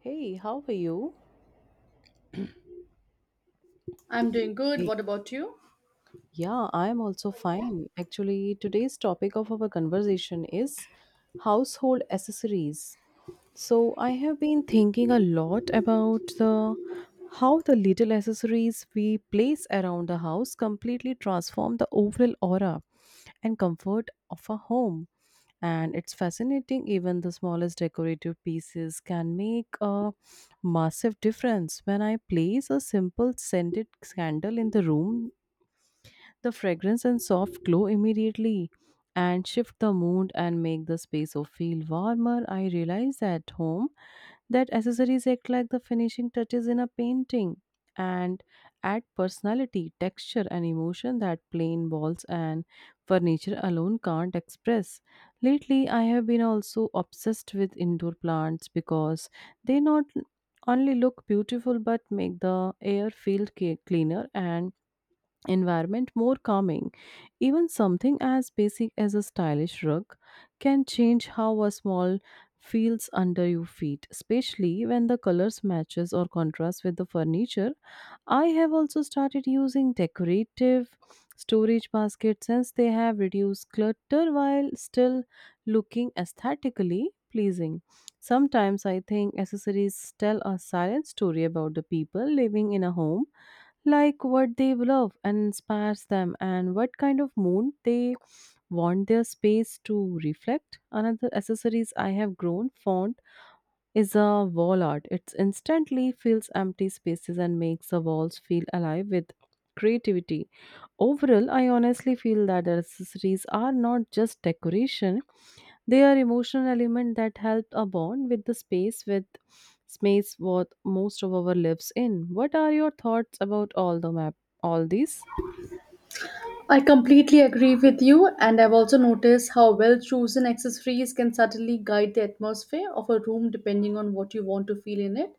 Hey, how are you? I'm doing good. Hey, What about you? yeah, I am also fine. Actually, today's topic of our conversation is household accessories. So I have been thinking a lot about the how the little accessories we place around the house completely transform the overall aura and comfort of a home. And it's fascinating, even the smallest decorative pieces can make a massive difference. When I place a simple scented candle in the room, the fragrance and soft glow immediately and shift the mood and make the space of feel warmer. I realized at home that accessories act like the finishing touches in a painting and add personality, texture, and emotion that plain walls and furniture alone can't express. Lately, I have been also obsessed with indoor plants because they not only look beautiful but make the air feel cleaner and environment more calming. Even something as basic as a stylish rug can change how a small feels under your feet, especially when the colors matches or contrast with the furniture. I have also started using decorative storage baskets since they have reduced clutter while still looking aesthetically pleasing. Sometimes I think accessories tell a silent story about the people living in a home, like what they love and inspires them and what kind of mood they want their space to reflect. Another accessories I have grown fond is a wall art. It instantly fills empty spaces and makes the walls feel alive with creativity. Overall, I honestly feel that the accessories are not just decoration, they are emotional element that help a bond with the space, with space what most of our lives in. What are your thoughts about all these? I completely agree with you, and I've also noticed how well chosen accessories can suddenly guide the atmosphere of a room depending on what you want to feel in it.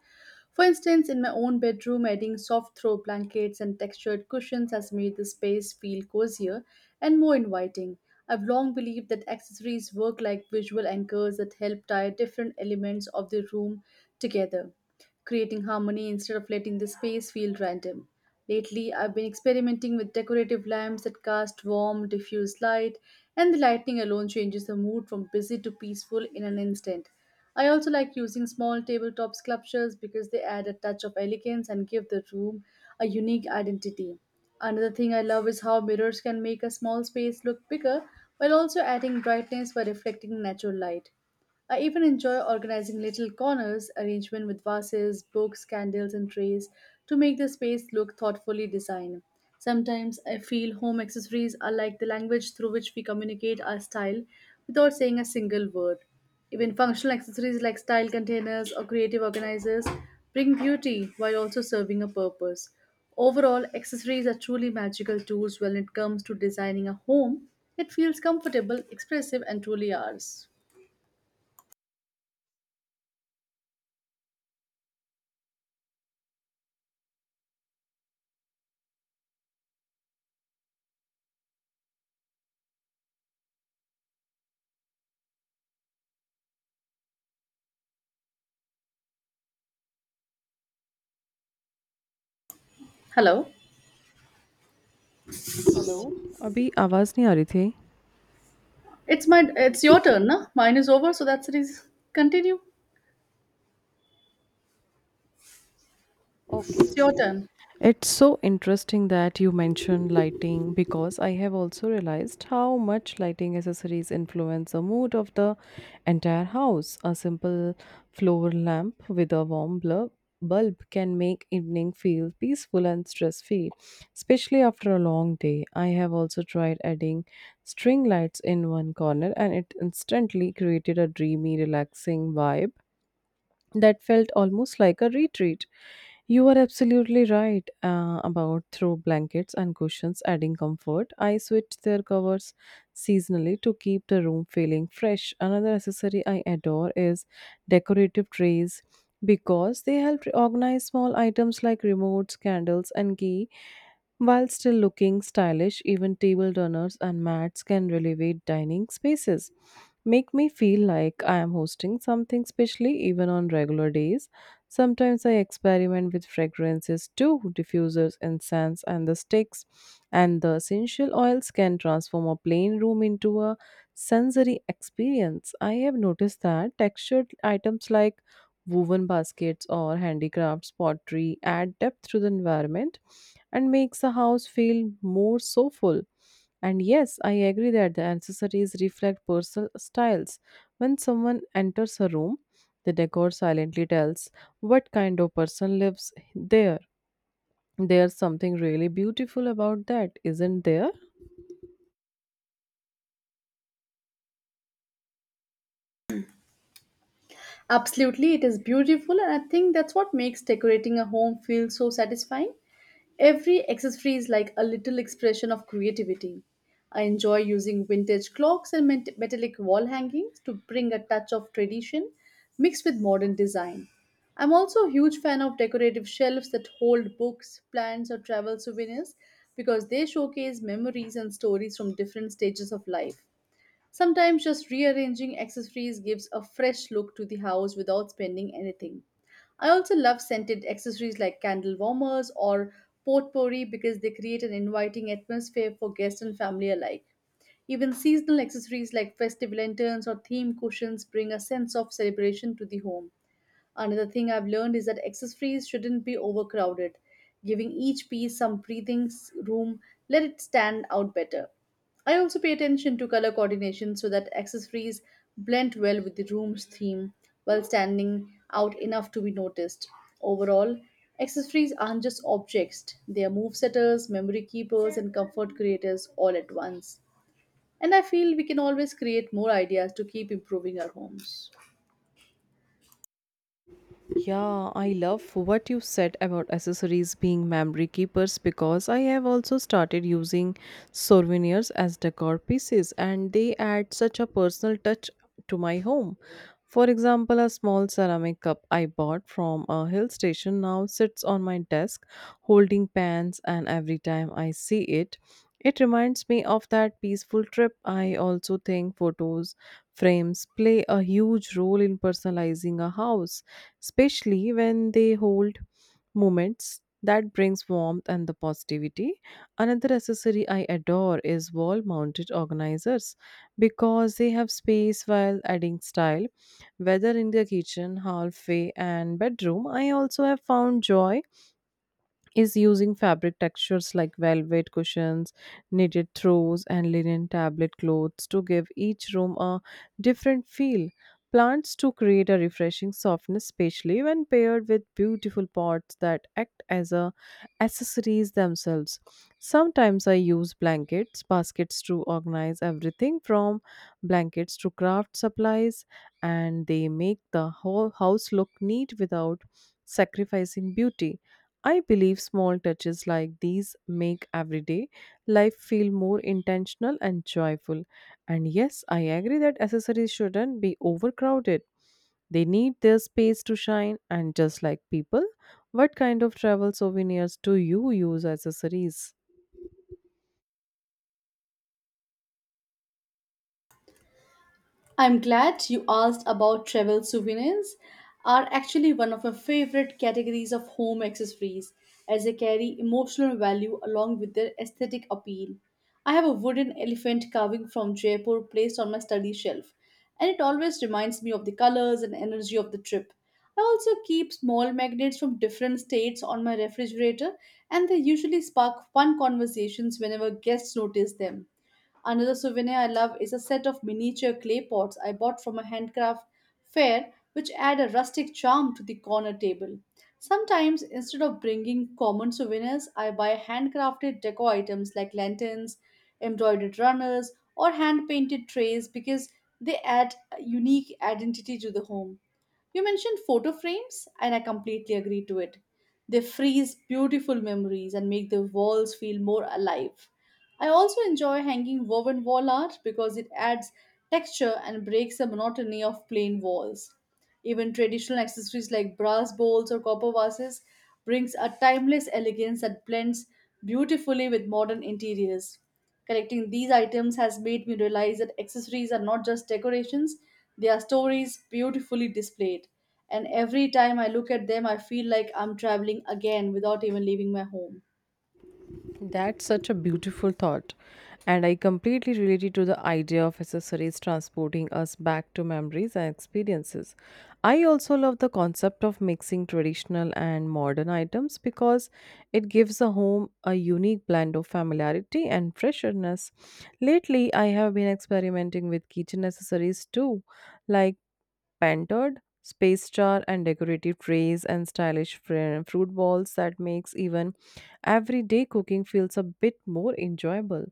For instance, in my own bedroom, adding soft throw blankets and textured cushions has made the space feel cozier and more inviting. I've long believed that accessories work like visual anchors that help tie different elements of the room together, creating harmony instead of letting the space feel random. Lately, I've been experimenting with decorative lamps that cast warm, diffuse light, and the lighting alone changes the mood from busy to peaceful in an instant. I also like using small tabletop sculptures because they add a touch of elegance and give the room a unique identity. Another thing I love is how mirrors can make a small space look bigger while also adding brightness by reflecting natural light. I even enjoy organizing little corners, arrangement with vases, books, candles, and trays to make the space look thoughtfully designed. Sometimes I feel home accessories are like the language through which we communicate our style without saying a single word. Even functional accessories like style containers or creative organizers bring beauty while also serving a purpose. Overall, accessories are truly magical tools when it comes to designing a home that feels comfortable, expressive, and truly ours. Hello. Hello, अभी आवाज नहीं आ रही थी. It's your turn, no? Mine is over, so that's it is continue. Okay, It's your okay. turn. It's so interesting that you mentioned lighting because I have also realized how much lighting accessories influence the mood of the entire house. A simple floor lamp with a warm blur bulb can make evening feel peaceful and stress-free, especially after a long day. I have also tried adding string lights in one corner and it instantly created a dreamy, relaxing vibe that felt almost like a retreat. You are absolutely right about throw blankets and cushions adding comfort. I switched their covers seasonally to keep the room feeling fresh. Another accessory I adore is decorative trays because they help organize small items like remotes, candles, and key while still looking stylish. Even table runners and mats can elevate dining spaces, make me feel like I am hosting something specially even on regular days. Sometimes I experiment with fragrances too, diffusers, incense, and the sticks. And the essential oils can transform a plain room into a sensory experience. I have noticed that textured items like woven baskets or handicrafts, pottery add depth to the environment and makes the house feel more soulful. And yes, I agree that the accessories reflect personal styles. When someone enters a room, the decor silently tells what kind of person lives there. There's something really beautiful about that, isn't there? Absolutely, it is beautiful, and I think that's what makes decorating a home feel so satisfying. Every accessory is like a little expression of creativity. I enjoy using vintage clocks and metallic wall hangings to bring a touch of tradition mixed with modern design. I'm also a huge fan of decorative shelves that hold books, plants, or travel souvenirs because they showcase memories and stories from different stages of life. Sometimes just rearranging accessories gives a fresh look to the house without spending anything. I also love scented accessories like candle warmers or potpourri because they create an inviting atmosphere for guests and family alike. Even seasonal accessories like festive lanterns or theme cushions bring a sense of celebration to the home. Another thing I've learned is that accessories shouldn't be overcrowded. Giving each piece some breathing room, let it stand out better. I also pay attention to color coordination so that accessories blend well with the room's theme while standing out enough to be noticed. Overall, accessories aren't just objects, they are move setters, memory keepers, and comfort creators all at once. And I feel we can always create more ideas to keep improving our homes. Yeah, I love what you said about accessories being memory keepers because I have also started using souvenirs as decor pieces and they add such a personal touch to my home. For example, a small ceramic cup I bought from a hill station now sits on my desk holding pans, and every time I see it, it reminds me of that peaceful trip. I also think photos frames play a huge role in personalizing a house, especially when they hold moments that brings warmth and the positivity. Another accessory I adore is wall mounted organizers because they have space while adding style, whether in the kitchen, hallway and bedroom. I also have found joy is using fabric textures like velvet cushions, knitted throws, and linen tablet clothes to give each room a different feel. Plants to create a refreshing softness, especially when paired with beautiful pots that act as a accessories themselves. Sometimes I use blankets, baskets to organize everything from blankets to craft supplies, and they make the whole house look neat without sacrificing beauty. I believe small touches like these make everyday life feel more intentional and joyful. And yes, I agree that accessories shouldn't be overcrowded. They need their space to shine, and just like people, what kind of travel souvenirs do you use as accessories? I'm glad you asked about travel souvenirs. Are actually one of my favorite categories of home accessories as they carry emotional value along with their aesthetic appeal. I have a wooden elephant carving from Jaipur placed on my study shelf, and it always reminds me of the colors and energy of the trip. I also keep small magnets from different states on my refrigerator, and they usually spark fun conversations whenever guests notice them. Another souvenir I love is a set of miniature clay pots I bought from a handcraft fair, which add a rustic charm to the corner table. Sometimes, instead of bringing common souvenirs, I buy handcrafted deco items like lanterns, embroidered runners, or hand painted trays because they add a unique identity to the home. You mentioned photo frames, and I completely agree to it. They freeze beautiful memories and make the walls feel more alive. I also enjoy hanging woven wall art because it adds texture and breaks the monotony of plain walls. Even traditional accessories like brass bowls or copper vases brings a timeless elegance that blends beautifully with modern interiors. Collecting these items has made me realize that accessories are not just decorations, they are stories beautifully displayed. And every time I look at them, I feel like I'm traveling again without even leaving my home. That's such a beautiful thought. And I completely related to the idea of accessories transporting us back to memories and experiences. I also love the concept of mixing traditional and modern items because it gives a home a unique blend of familiarity and freshness. Lately, I have been experimenting with kitchen accessories too, like painted space star and decorative trays and stylish fruit balls that makes even everyday cooking feels a bit more enjoyable.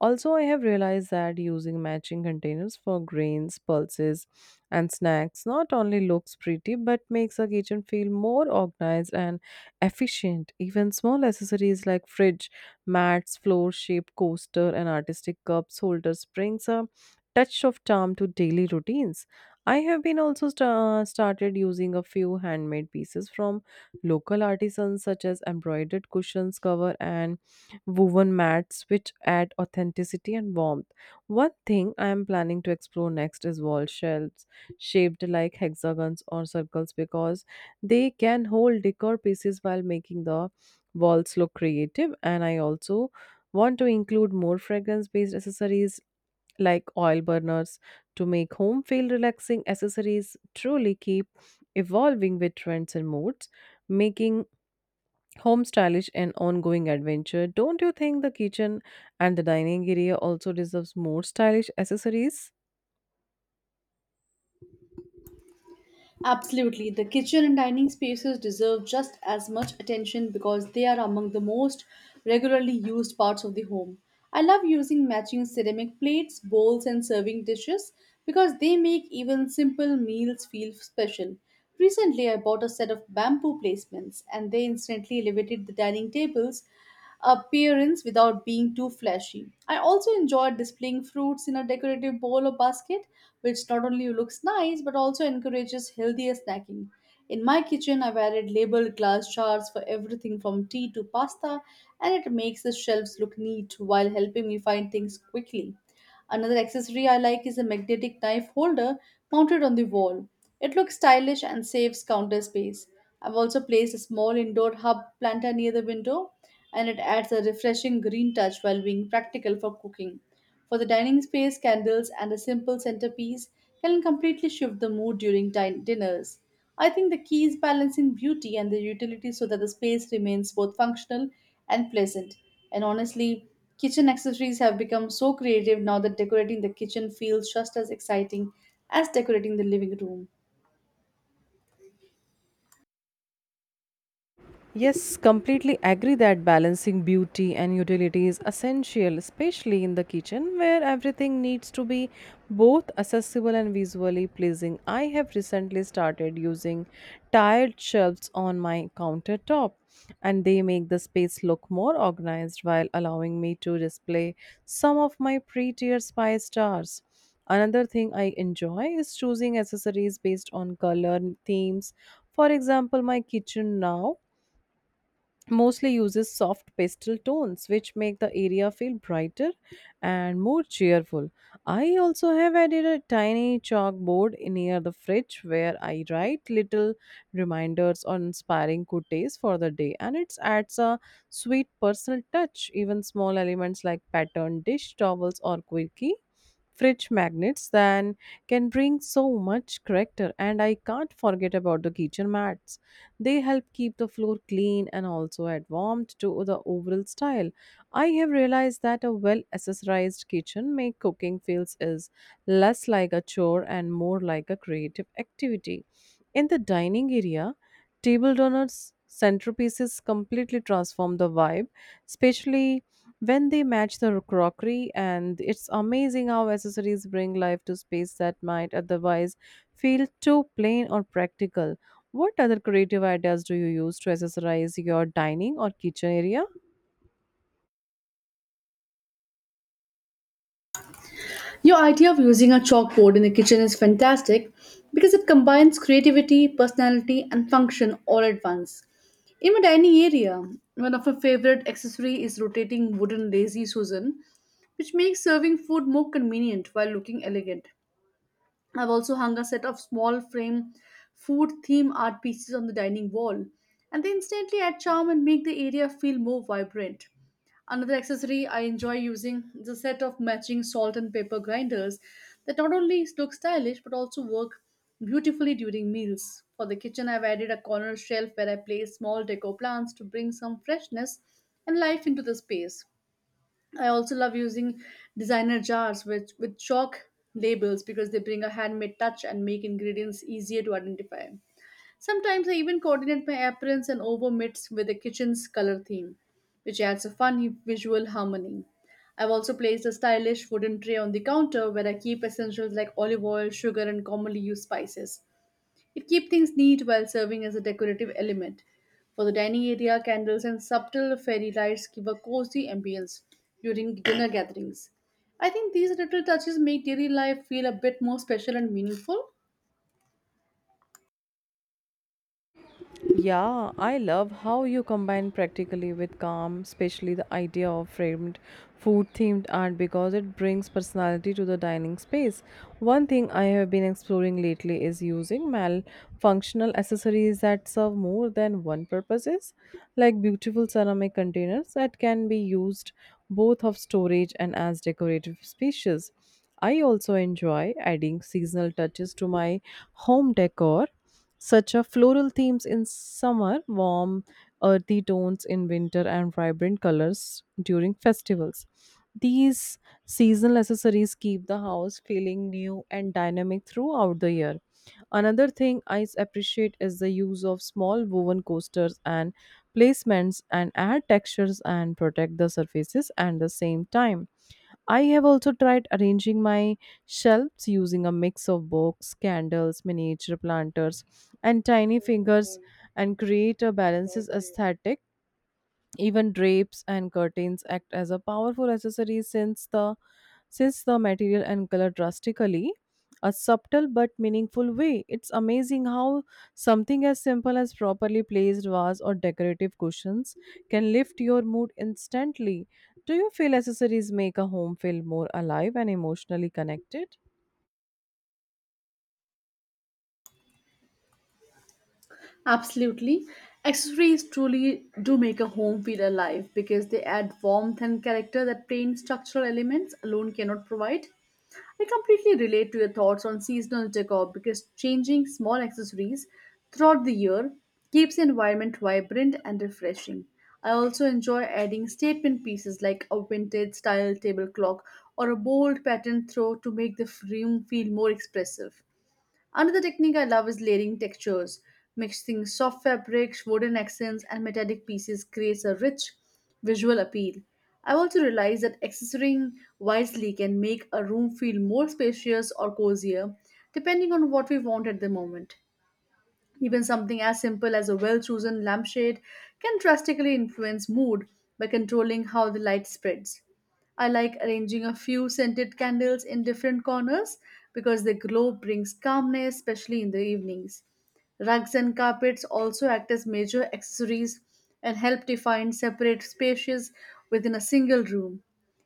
Also, I have realized that using matching containers for grains, pulses, and snacks not only looks pretty but makes a kitchen feel more organized and efficient. Even small accessories like fridge, mats, floor shaped coaster, and artistic cups holders brings a touch of charm to daily routines. I have been also started using a few handmade pieces from local artisans, such as embroidered cushions, cover, and woven mats, which add authenticity and warmth. One thing I am planning to explore next is wall shelves shaped like hexagons or circles because they can hold decor pieces while making the walls look creative. And I also want to include more fragrance based accessories like oil burners to make home feel relaxing. Accessories truly keep evolving with trends and moods, making home stylish an ongoing adventure. Don't you think the kitchen and the dining area also deserves more stylish accessories? Absolutely. The kitchen and dining spaces deserve just as much attention because they are among the most regularly used parts of the home. I love using matching ceramic plates, bowls, and serving dishes because they make even simple meals feel special. Recently, I bought a set of bamboo placements and they instantly elevated the dining tables appearance without being too flashy. I also enjoy displaying fruits in a decorative bowl or basket, which not only looks nice but also encourages healthier snacking. In my kitchen, I have added labeled glass jars for everything from tea to pasta, and it makes the shelves look neat while helping me find things quickly. Another accessory I like is a magnetic knife holder mounted on the wall. It looks stylish and saves counter space. I've also placed a small indoor hub planter near the window, and it adds a refreshing green touch while being practical for cooking. For the dining space, candles and a simple centerpiece can completely shift the mood during dinners. I think the key is balancing beauty and the utility so that the space remains both functional and pleasant. And honestly, kitchen accessories have become so creative now that decorating the kitchen feels just as exciting as decorating the living room. Yes, completely agree that balancing beauty and utility is essential, especially in the kitchen where everything needs to be both accessible and visually pleasing. I have recently started using tiled shelves on my countertop, and they make the space look more organized while allowing me to display some of my prettier spice jars. Another thing I enjoy is choosing accessories based on color themes. For example, my kitchen now mostly uses soft pastel tones which make the area feel brighter and more cheerful. I also have added a tiny chalkboard near the fridge where I write little reminders or inspiring quotes for the day, and it adds a sweet personal touch. Even small elements like patterned dish towels or quirky fridge magnets then can bring so much character. And I can't forget about the kitchen mats, they help keep the floor clean and also add warmth to the overall style. I have realized that a well accessorized kitchen makes cooking feels is less like a chore and more like a creative activity. In the dining area, table donors centerpieces completely transform the vibe, especially when they match the crockery. And it's amazing how accessories bring life to space that might otherwise feel too plain or practical. What other creative ideas do you use to accessorize your dining or kitchen area? Your idea of using a chalkboard in the kitchen is fantastic because it combines creativity, personality, and function all at once. In my dining area, one of my favorite accessory is rotating wooden lazy susan, which makes serving food more convenient while looking elegant. I've also hung a set of small frame food theme art pieces on the dining wall, and they instantly add charm and make the area feel more vibrant. Another accessory I enjoy using is a set of matching salt and pepper grinders that not only look stylish but also work beautifully during meals. For the kitchen, I've added a corner shelf where I place small deco plants to bring some freshness and life into the space. I also love using designer jars with chalk labels because they bring a handmade touch and make ingredients easier to identify. Sometimes I even coordinate my appearance and over mitts with the kitchen's color theme, which adds a fun visual harmony. I've also placed a stylish wooden tray on the counter where I keep essentials like olive oil, sugar, and commonly used spices. It keeps things neat while serving as a decorative element. For the dining area, candles and subtle fairy lights give a cozy ambience during dinner gatherings. I think these little touches make daily life feel a bit more special and meaningful. Yeah, I love how you combine practically with calm, especially the idea of framed food themed art because it brings personality to the dining space. One thing I have been exploring lately is using malfunctional accessories that serve more than one purposes, like beautiful ceramic containers that can be used both of storage and as decorative species. I also enjoy adding seasonal touches to my home decor, such a floral themes in summer, warm, earthy tones in winter, and vibrant colors during festivals. These seasonal accessories keep the house feeling new and dynamic throughout the year. Another thing I appreciate is the use of small woven coasters and placements and add textures and protect the surfaces at the same time. I have also tried arranging my shelves using a mix of books, candles, miniature planters, and tiny fingers and create a balanced aesthetic. Even drapes and curtains act as a powerful accessory since the material and color drastically a subtle but meaningful way. It's amazing how something as simple as properly placed vase or decorative cushions can lift your mood instantly. Do you feel accessories make a home feel more alive and emotionally connected? Absolutely. Accessories truly do make a home feel alive because they add warmth and character that plain structural elements alone cannot provide. I completely relate to your thoughts on seasonal decor because changing small accessories throughout the year keeps the environment vibrant and refreshing. I also enjoy adding statement pieces like a vintage style table clock or a bold pattern throw to make the room feel more expressive. Another technique I love is layering textures. Mixing soft fabrics, wooden accents, and metallic pieces creates a rich visual appeal. I've also realized that accessorying wisely can make a room feel more spacious or cozier, depending on what we want at the moment. Even something as simple as a well chosen lampshade can drastically influence mood by controlling how the light spreads. I like arranging a few scented candles in different corners because the glow brings calmness, especially in the evenings. Rugs and carpets also act as major accessories and help define separate spaces within a single room.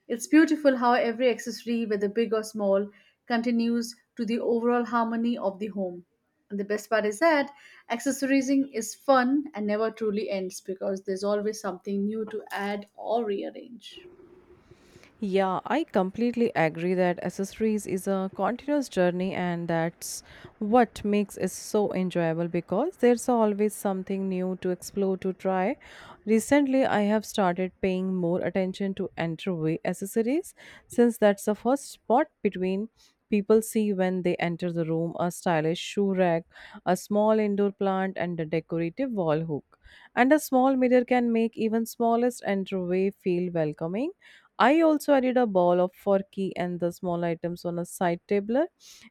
It's beautiful how every accessory, whether big or small, continues to the overall harmony of the home. And the best part is that accessorizing is fun and never truly ends because there's always something new to add or rearrange. Yeah, I completely agree that accessories is a continuous journey, and that's what makes it so enjoyable because there's always something new to explore to try. Recently, I have started paying more attention to enterway accessories since that's the first spot between people see when they enter the room. A stylish shoe rack, a small indoor plant, and a decorative wall hook. And a small mirror can make even smallest entryway feel welcoming. I also added a ball of forky and the small items on a side table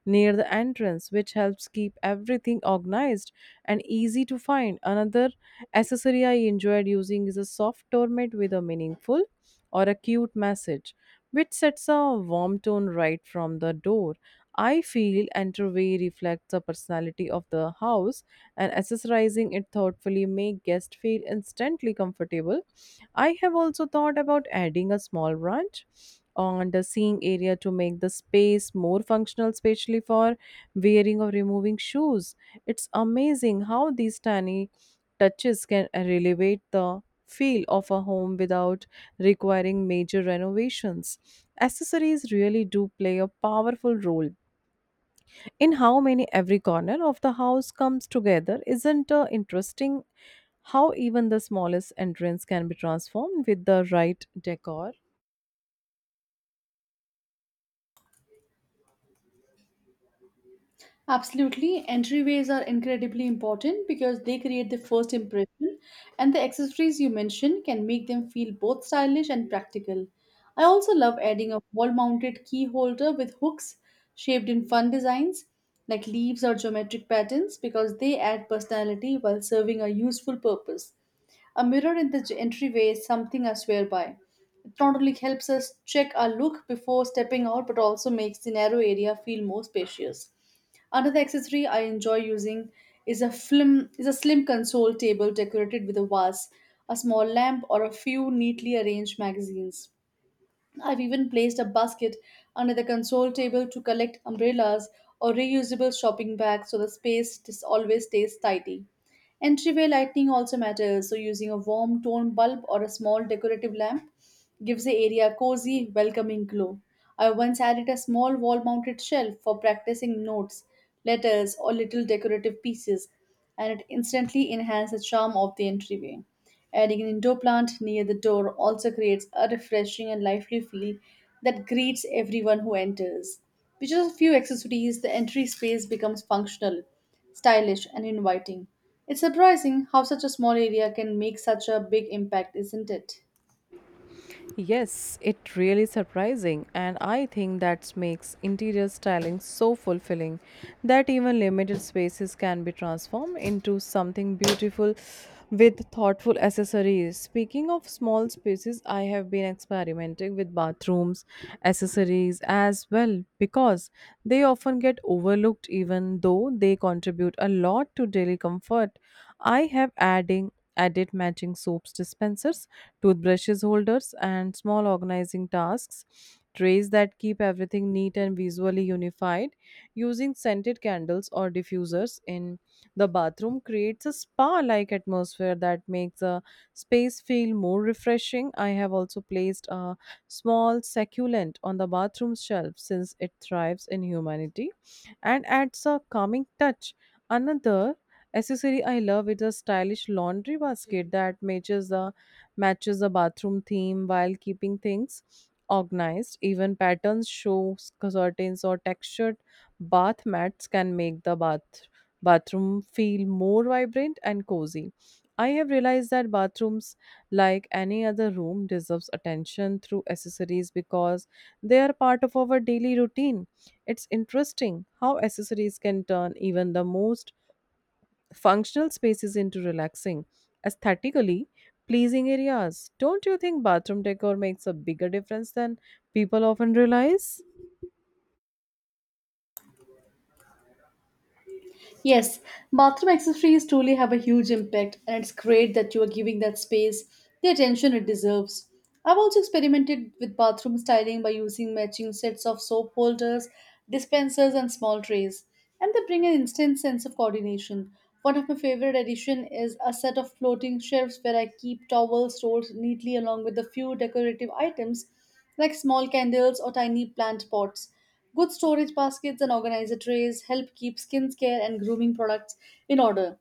near the entrance, which helps keep everything organized and easy to find. Another accessory I enjoyed using is a soft doormat with a meaningful or a cute message, which sets a warm tone right from the door. I feel entryway reflects the personality of the house, and accessorizing it thoughtfully make guests feel instantly comfortable. I have also thought about adding a small branch on the seeing area to make the space more functional, especially for wearing or removing shoes. It's amazing how these tiny touches can elevate the feel of a home without requiring major renovations. Accessories really do play a powerful role in how many every corner of the house comes together. Isn't it interesting how even the smallest entrance can be transformed with the right decor? Absolutely. Entryways are incredibly important because they create the first impression, and the accessories you mentioned can make them feel both stylish and practical. I also love adding a wall mounted key holder with hooks shaped in fun designs like leaves or geometric patterns because they add personality while serving a useful purpose. A mirror in the entryway is something I swear by. It not only helps us check our look before stepping out but also makes the narrow area feel more spacious. Another accessory I enjoy using is a film is a slim console table decorated with a vase, a small lamp, or a few neatly arranged magazines. I've even placed a basket under the console table to collect umbrellas or reusable shopping bags so the space just always stays tidy. Entryway lighting also matters, so using a warm tone bulb or a small decorative lamp gives the area a cozy, welcoming glow. I once added a small wall mounted shelf for practicing notes, letters, or little decorative pieces, and it instantly enhances the charm of the entryway. Adding an indoor plant near the door also creates a refreshing and lively feel that greets everyone who enters. With just a few accessories, the entry space becomes functional, stylish, and inviting. It's surprising how such a small area can make such a big impact, isn't it? Yes, it really surprising, and I think that makes interior styling so fulfilling that even limited spaces can be transformed into something beautiful with thoughtful accessories. Speaking of small spaces, I have been experimenting with bathrooms accessories as well, because they often get overlooked even though they contribute a lot to daily comfort. I have adding added matching soaps dispensers, toothbrushes holders, and small organizing tasks, trays that keep everything neat and visually unified. Using scented candles or diffusers in the bathroom creates a spa like atmosphere that makes a space feel more refreshing. I have also placed a small succulent on the bathroom shelf, since it thrives in humanity and adds a calming touch. Another accessory I love is a stylish laundry basket that matches the bathroom theme while keeping things organized. Even patterns, shows, curtains, or textured bath mats can make the bathroom feel more vibrant and cozy. I have realized that bathrooms, like any other room, deserves attention through accessories because they are part of our daily routine. It's interesting how accessories can turn even the most functional spaces into relaxing, aesthetically pleasing areas. Don't you think bathroom decor makes a bigger difference than people often realize? Yes, bathroom accessories truly have a huge impact, and it's great that you are giving that space the attention it deserves. I've also experimented with bathroom styling by using matching sets of soap holders, dispensers, and small trays, and they bring an instant sense of coordination. One of my favorite additions is a set of floating shelves where I keep towels rolled neatly along with a few decorative items like small candles or tiny plant pots. Good storage baskets and organizer trays help keep skincare and grooming products in order,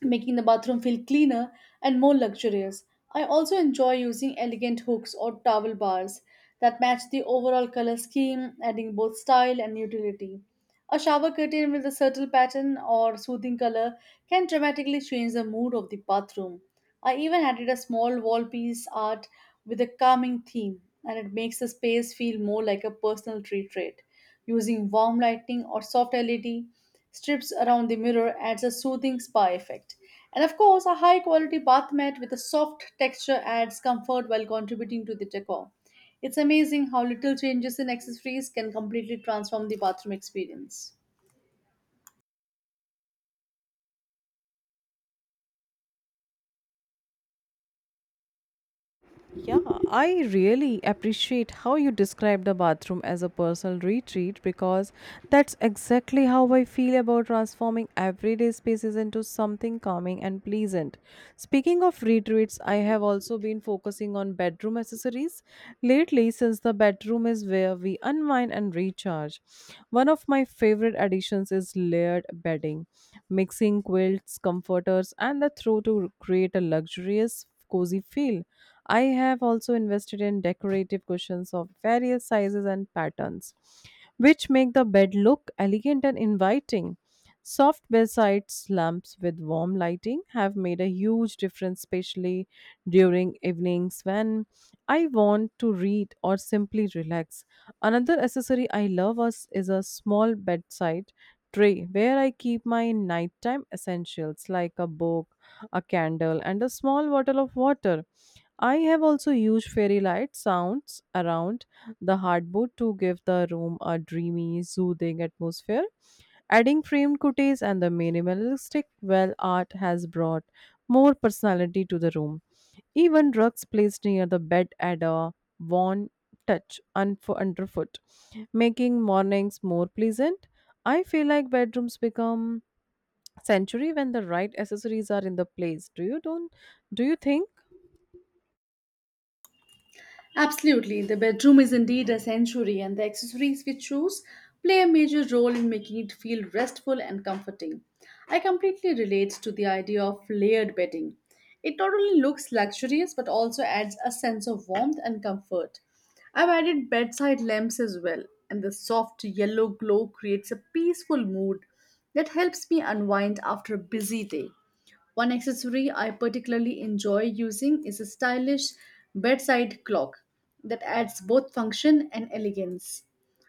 making the bathroom feel cleaner and more luxurious. I also enjoy using elegant hooks or towel bars that match the overall color scheme, adding both style and utility. A shower curtain with a subtle pattern or soothing color can dramatically change the mood of the bathroom. I even added a small wall piece art with a calming theme, and it makes the space feel more like a personal retreat. Using warm lighting or soft LED strips around the mirror adds a soothing spa effect. And of course, a high quality bath mat with a soft texture adds comfort while contributing to the decor. It's amazing how little changes in accessories can completely transform the bathroom experience. Yeah, I really appreciate how you describe the bathroom as a personal retreat, because that's exactly how I feel about transforming everyday spaces into something calming and pleasant. Speaking of retreats, I have also been focusing on bedroom accessories lately, since the bedroom is where we unwind and recharge. One of my favorite additions is layered bedding, mixing quilts, comforters, and the throw to create a luxurious, cozy feel. I have also invested in decorative cushions of various sizes and patterns, which make the bed look elegant and inviting. Soft bedsides lamps with warm lighting have made a huge difference, especially during evenings when I want to read or simply relax. Another accessory I love is a small bedside tray where I keep my nighttime essentials like a book, a candle, and a small bottle of water. I have also used fairy light sounds around the hardboard to give the room a dreamy, soothing atmosphere. Adding framed cuties and the minimalistic well art has brought more personality to the room. Even rugs placed near the bed add a warm touch underfoot, making mornings more pleasant. I feel like bedrooms become sanctuary when the right accessories are in the place. Do you don't? Do you think? Absolutely, the bedroom is indeed a sanctuary, and the accessories we choose play a major role in making it feel restful and comforting. I completely relate to the idea of layered bedding. It not only looks luxurious but also adds a sense of warmth and comfort. I've added bedside lamps as well, and the soft yellow glow creates a peaceful mood that helps me unwind after a busy day. One accessory I particularly enjoy using is a stylish bedside clock that adds both function and elegance.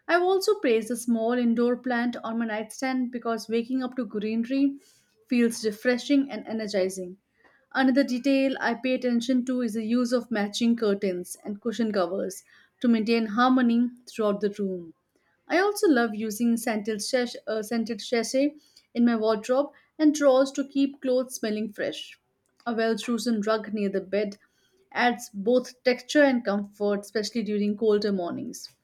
I've also placed a small indoor plant on my nightstand because waking up to greenery feels refreshing and energizing. Another detail I pay attention to is the use of matching curtains and cushion covers to maintain harmony throughout the room. I also love using scented, scented sachet in my wardrobe and drawers to keep clothes smelling fresh. A well chosen rug near the bed adds both texture and comfort, especially during colder mornings.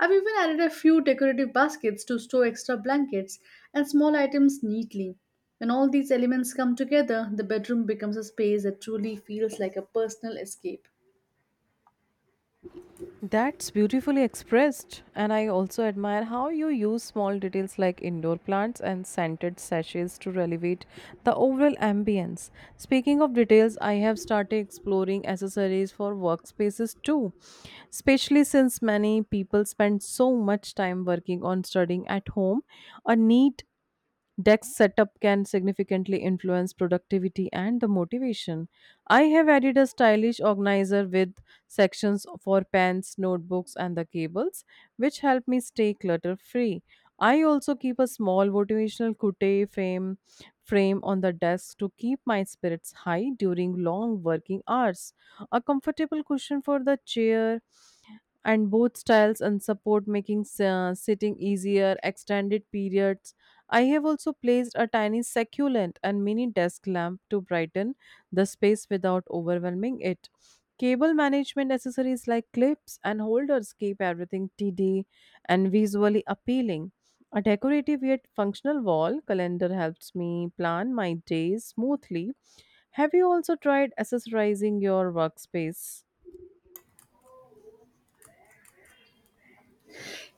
I've even added a few decorative baskets to store extra blankets and small items neatly. When all these elements come together, the bedroom becomes a space that truly feels like a personal escape. That's beautifully expressed, and I also admire how you use small details like indoor plants and scented sachets to elevate the overall ambience. Speaking of details, I have started exploring accessories for workspaces too, especially since many people spend so much time working on studying at home. A neat desk setup can significantly influence productivity and the motivation. I have added a stylish organizer with sections for pens, notebooks, and the cables, which help me stay clutter free. I also keep a small motivational quote frame, frame on the desk to keep my spirits high during long working hours. A comfortable cushion for the chair and both styles and support, making sitting easier extended periods. I have also placed a tiny succulent and mini desk lamp to brighten the space without overwhelming it. Cable management accessories like clips and holders keep everything tidy and visually appealing. A decorative yet functional wall calendar helps me plan my days smoothly. Have you also tried accessorizing your workspace?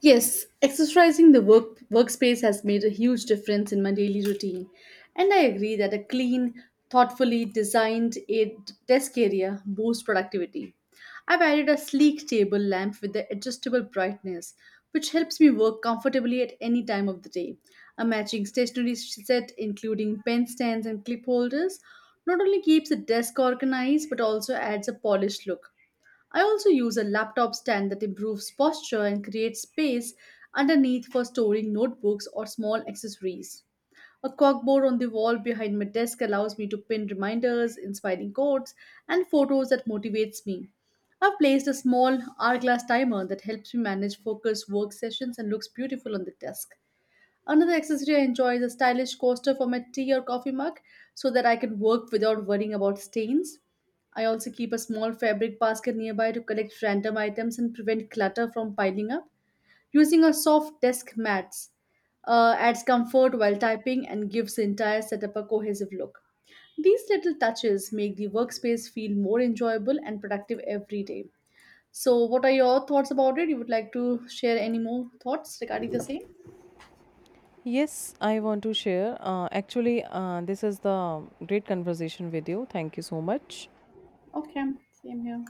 Yes, exercising the workspace has made a huge difference in my daily routine. And I agree that a clean, thoughtfully designed a desk area boosts productivity. I've added a sleek table lamp with the adjustable brightness, which helps me work comfortably at any time of the day. A matching stationery set, including pen stands and clip holders, not only keeps the desk organized but also adds a polished look. I also use a laptop stand that improves posture and creates space underneath for storing notebooks or small accessories. A corkboard on the wall behind my desk allows me to pin reminders, inspiring quotes, and photos that motivates me. I've placed a small hourglass timer that helps me manage focused work sessions and looks beautiful on the desk. Another accessory I enjoy is a stylish coaster for my tea or coffee mug so that I can work without worrying about stains. I also keep a small fabric basket nearby to collect random items and prevent clutter from piling up. Using a soft desk mats adds comfort while typing and gives the entire setup a cohesive look. These little touches make the workspace feel more enjoyable and productive every day. So, what are your thoughts about it? You would like to share any more thoughts regarding the same? Yes, I want to share. Actually, this is the great conversation with you. Thank you so much. Okay, same here.